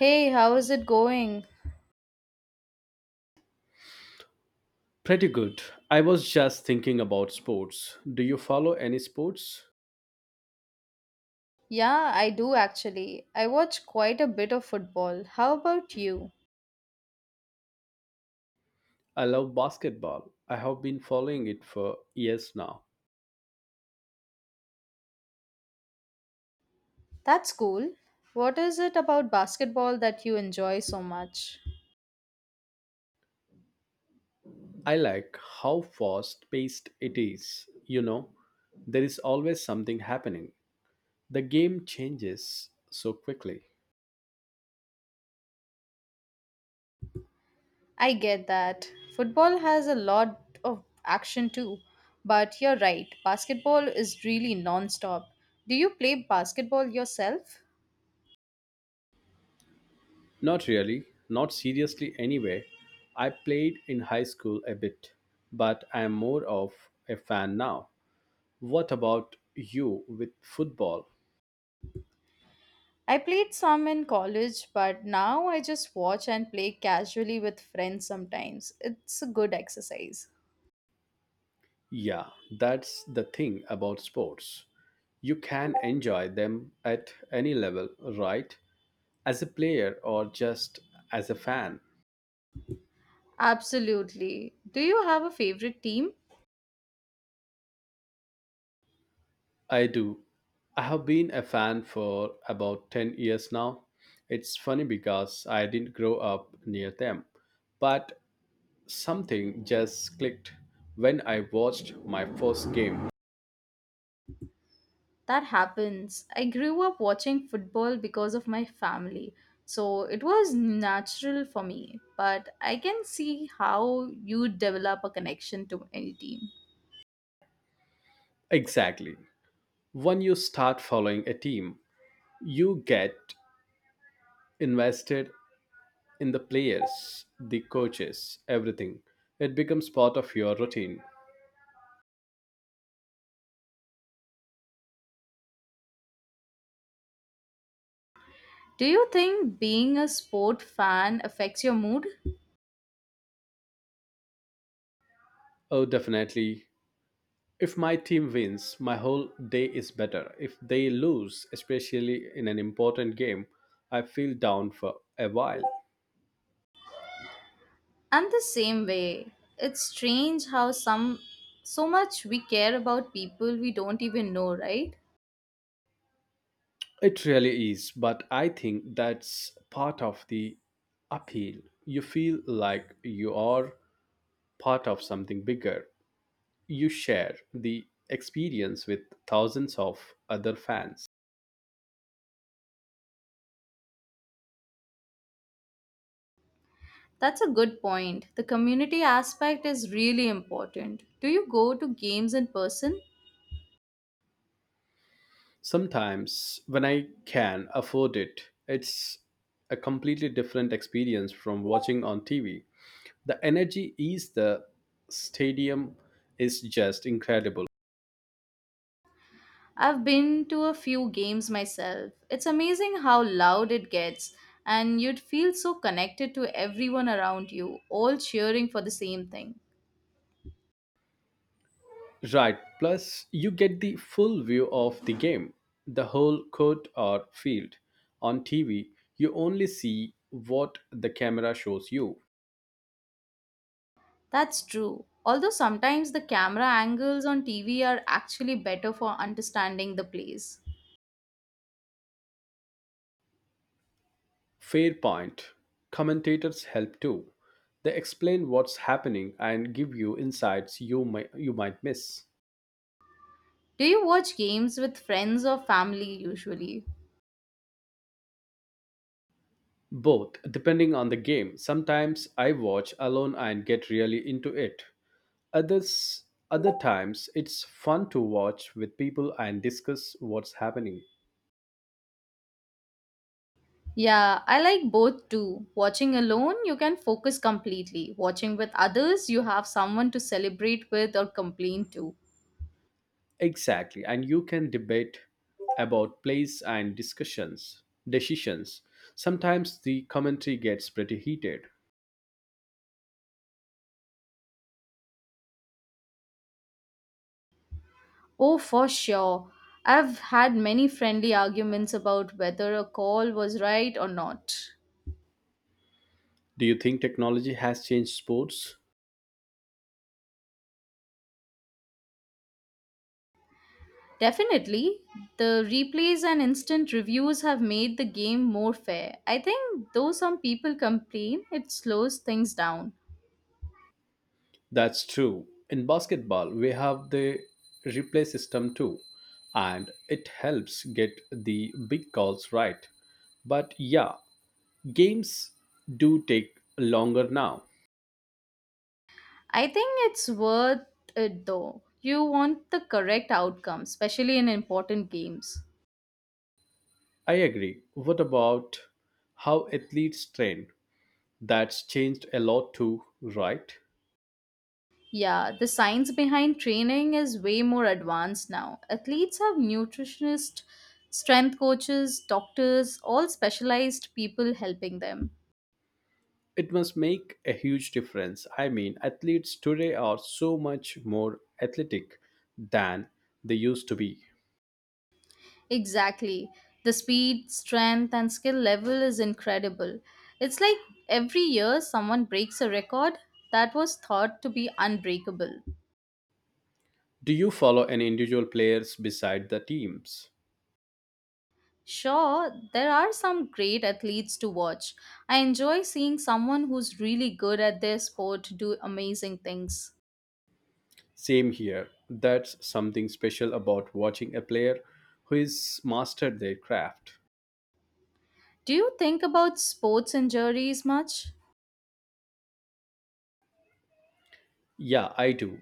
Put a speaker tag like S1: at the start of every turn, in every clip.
S1: Hey, how is it going?
S2: Pretty good. I was just thinking about sports. Do you follow any sports?
S1: Yeah, I do actually. I watch quite a bit of football. How about you?
S2: I love basketball. I have been following it for years now.
S1: That's cool. What is it about basketball that you enjoy so much?
S2: I like how fast paced it is. There is always something happening. The game changes so quickly.
S1: I get that. Football has a lot of action too. But you're right, basketball is really non stop. Do you play basketball yourself?
S2: Not really, not seriously anyway. I played in high school a bit, but I am more of a fan now. What about you with football?
S1: I played some in college, but now I just watch and play casually with friends sometimes. It's a good exercise.
S2: Yeah, that's the thing about sports. You can enjoy them at any level, right? As a player or just as a fan.
S1: Absolutely. Do you have a favorite team?
S2: I do. I have been a fan for about 10 years now. It's funny because I didn't grow up near them, but something just clicked when I watched my first game.
S1: That happens. I grew up watching football because of my family, so it was natural for me. But I can see how you develop a connection to any team.
S2: Exactly. When you start following a team, you get invested in the players, the coaches, everything. It becomes part of your routine.
S1: Do you think being a sport fan affects your mood?
S2: Oh, definitely. If my team wins, my whole day is better. If they lose, especially in an important game, I feel down for a while.
S1: And the same way, it's strange how some so much we care about people we don't even know, right?
S2: It really is, but I think that's part of the appeal. You feel like you are part of something bigger. You share the experience with thousands of other fans.
S1: That's a good point. The community aspect is really important. Do you go to games in person?
S2: Sometimes, when I can afford it, it's a completely different experience from watching on TV. The energy is the stadium is just incredible.
S1: I've been to a few games myself. It's amazing how loud it gets, and you'd feel so connected to everyone around you, all cheering for the same thing.
S2: Right, plus you get the full view of the game, the whole court or field. On TV, you only see what the camera shows you.
S1: That's true. Although sometimes the camera angles on TV are actually better for understanding the place.
S2: Fair point. Commentators help too. They explain what's happening and give you insights you might miss.
S1: Do you watch games with friends or family usually?
S2: Both, depending on the game. Sometimes I watch alone and get really into it. Others, other times, it's fun to watch with people and discuss what's happening.
S1: Yeah, I like both too. Watching alone, you can focus completely. Watching with others, you have someone to celebrate with or complain to.
S2: Exactly, and you can debate about plays and discussions, decisions. Sometimes the commentary gets pretty heated.
S1: Oh, for sure. I've had many friendly arguments about whether a call was right or not.
S2: Do you think technology has changed sports?
S1: Definitely, the replays and instant reviews have made the game more fair. I think, though some people complain, it slows things down.
S2: That's true. In basketball, we have the replay system too, and it helps get the big calls right. But yeah, games do take longer now.
S1: I think it's worth it though. You want the correct outcome, especially in important games.
S2: I agree. What about how athletes train? That's changed a lot too, right?
S1: Yeah, the science behind training is way more advanced now. Athletes have nutritionists, strength coaches, doctors, all specialized people helping them.
S2: It must make a huge difference. I mean, athletes today are so much more athletic than they used to be.
S1: Exactly. The speed, strength, and skill level is incredible. It's like every year someone breaks a record that was thought to be unbreakable.
S2: Do you follow any individual players beside the teams?
S1: Sure, there are some great athletes to watch. I enjoy seeing someone who's really good at their sport do amazing things.
S2: Same here. That's something special about watching a player who is mastered their craft.
S1: Do you think about sports injuries much?
S2: Yeah, I do.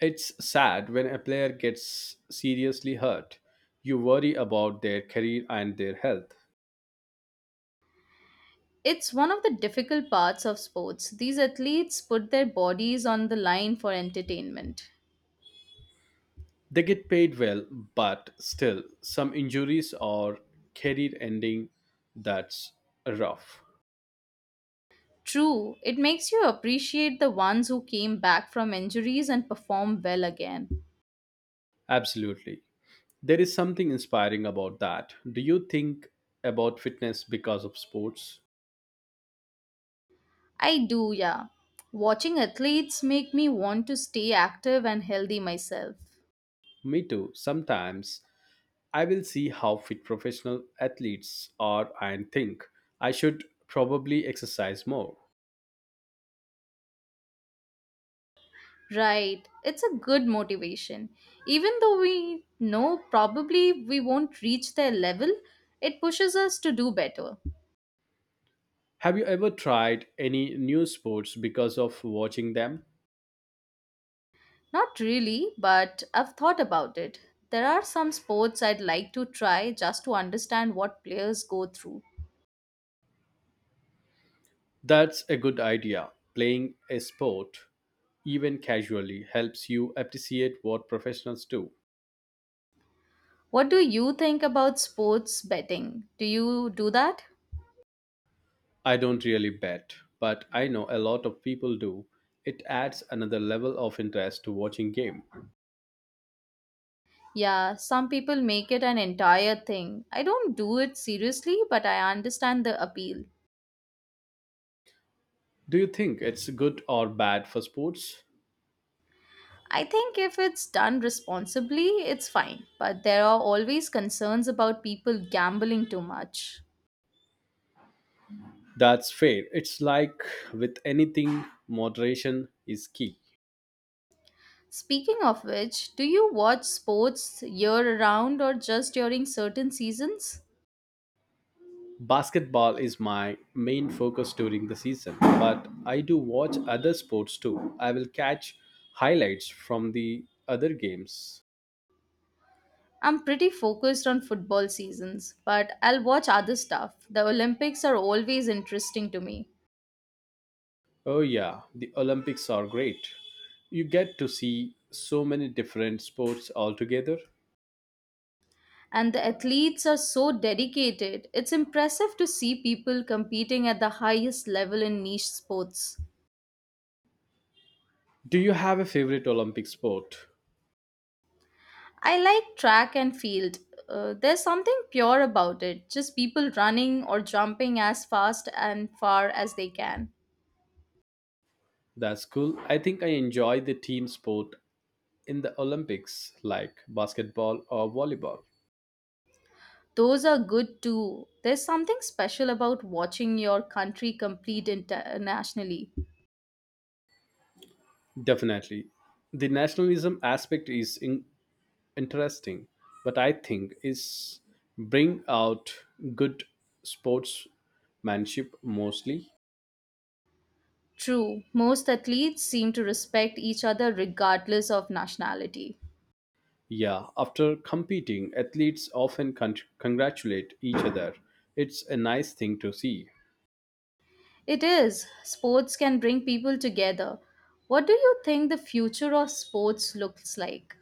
S2: It's sad when a player gets seriously hurt. You worry about their career and their health.
S1: It's one of the difficult parts of sports. These athletes put their bodies on the line for entertainment.
S2: They get paid well, but still, some injuries or career ending that's rough.
S1: True, it makes you appreciate the ones who came back from injuries and perform well again.
S2: Absolutely. There is something inspiring about that. Do you think about fitness because of sports?
S1: I do, yeah. Watching athletes make me want to stay active and healthy myself.
S2: Me too. Sometimes I will see how fit professional athletes are and think I should probably exercise more.
S1: Right. It's a good motivation. Even though we know probably we won't reach their level, it pushes us to do better.
S2: Have you ever tried any new sports because of watching them?
S1: Not really, but I've thought about it. There are some sports I'd like to try just to understand what players go through.
S2: That's a good idea. Playing a sport, even casually, helps you appreciate what professionals do.
S1: What do you think about sports betting? Do you do that?
S2: I don't really bet, but I know a lot of people do. It adds another level of interest to watching game.
S1: Yeah, some people make it an entire thing. I don't do it seriously, but I understand the appeal.
S2: Do you think it's good or bad for sports?
S1: I think if it's done responsibly, it's fine, but there are always concerns about people gambling too much.
S2: That's fair. It's like with anything, moderation is key.
S1: Speaking of which, do you watch sports year round or just during certain seasons?
S2: Basketball is my main focus during the season, but I do watch other sports too. I will catch highlights from the other games.
S1: I'm pretty focused on football seasons, but I'll watch other stuff. The Olympics are always interesting to me,
S2: Oh, yeah, the Olympics are great. You get to see so many different sports altogether.
S1: and the athletes are so dedicated. It's impressive to see people competing at the highest level in niche sports.
S2: Do you have a favorite Olympic sport?
S1: I like track and field. There's something pure about it, just people running or jumping as fast and far as they can.
S2: That's cool. I think I enjoy the team sport in the Olympics, like basketball or volleyball.
S1: Those are good too. There's something special about watching your country compete internationally.
S2: Definitely. The nationalism aspect is interesting, but I think is bring out good sportsmanship mostly.
S1: True, most athletes seem to respect each other regardless of nationality.
S2: Yeah, after competing, athletes often congratulate each other. It's a nice thing to see.
S1: It is, sports can bring people together. What do you think the future of sports looks like?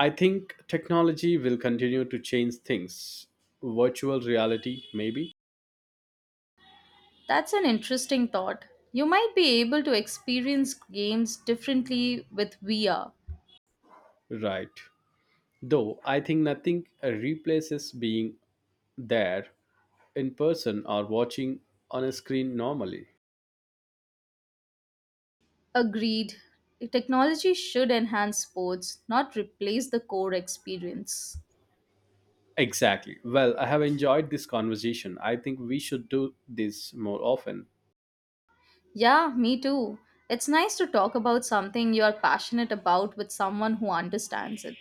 S2: I think technology will continue to change things. Virtual reality, maybe?
S1: That's an interesting thought. You might be able to experience games differently with VR.
S2: Right. Though I think nothing replaces being there in person or watching on a screen normally.
S1: Agreed. Technology should enhance sports, not replace the core experience.
S2: Exactly. Well, I have enjoyed this conversation. I think we should do this more often.
S1: Yeah, me too. It's nice to talk about something you are passionate about with someone who understands it.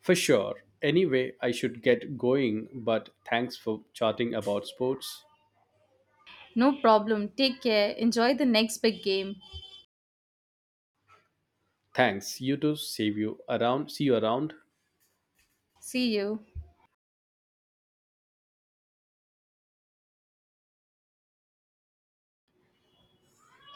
S2: For sure. Anyway, I should get going, but thanks for chatting about sports.
S1: No problem. Take care. Enjoy the next big game.
S2: Thanks. You too. See you around. See you around.
S1: See you.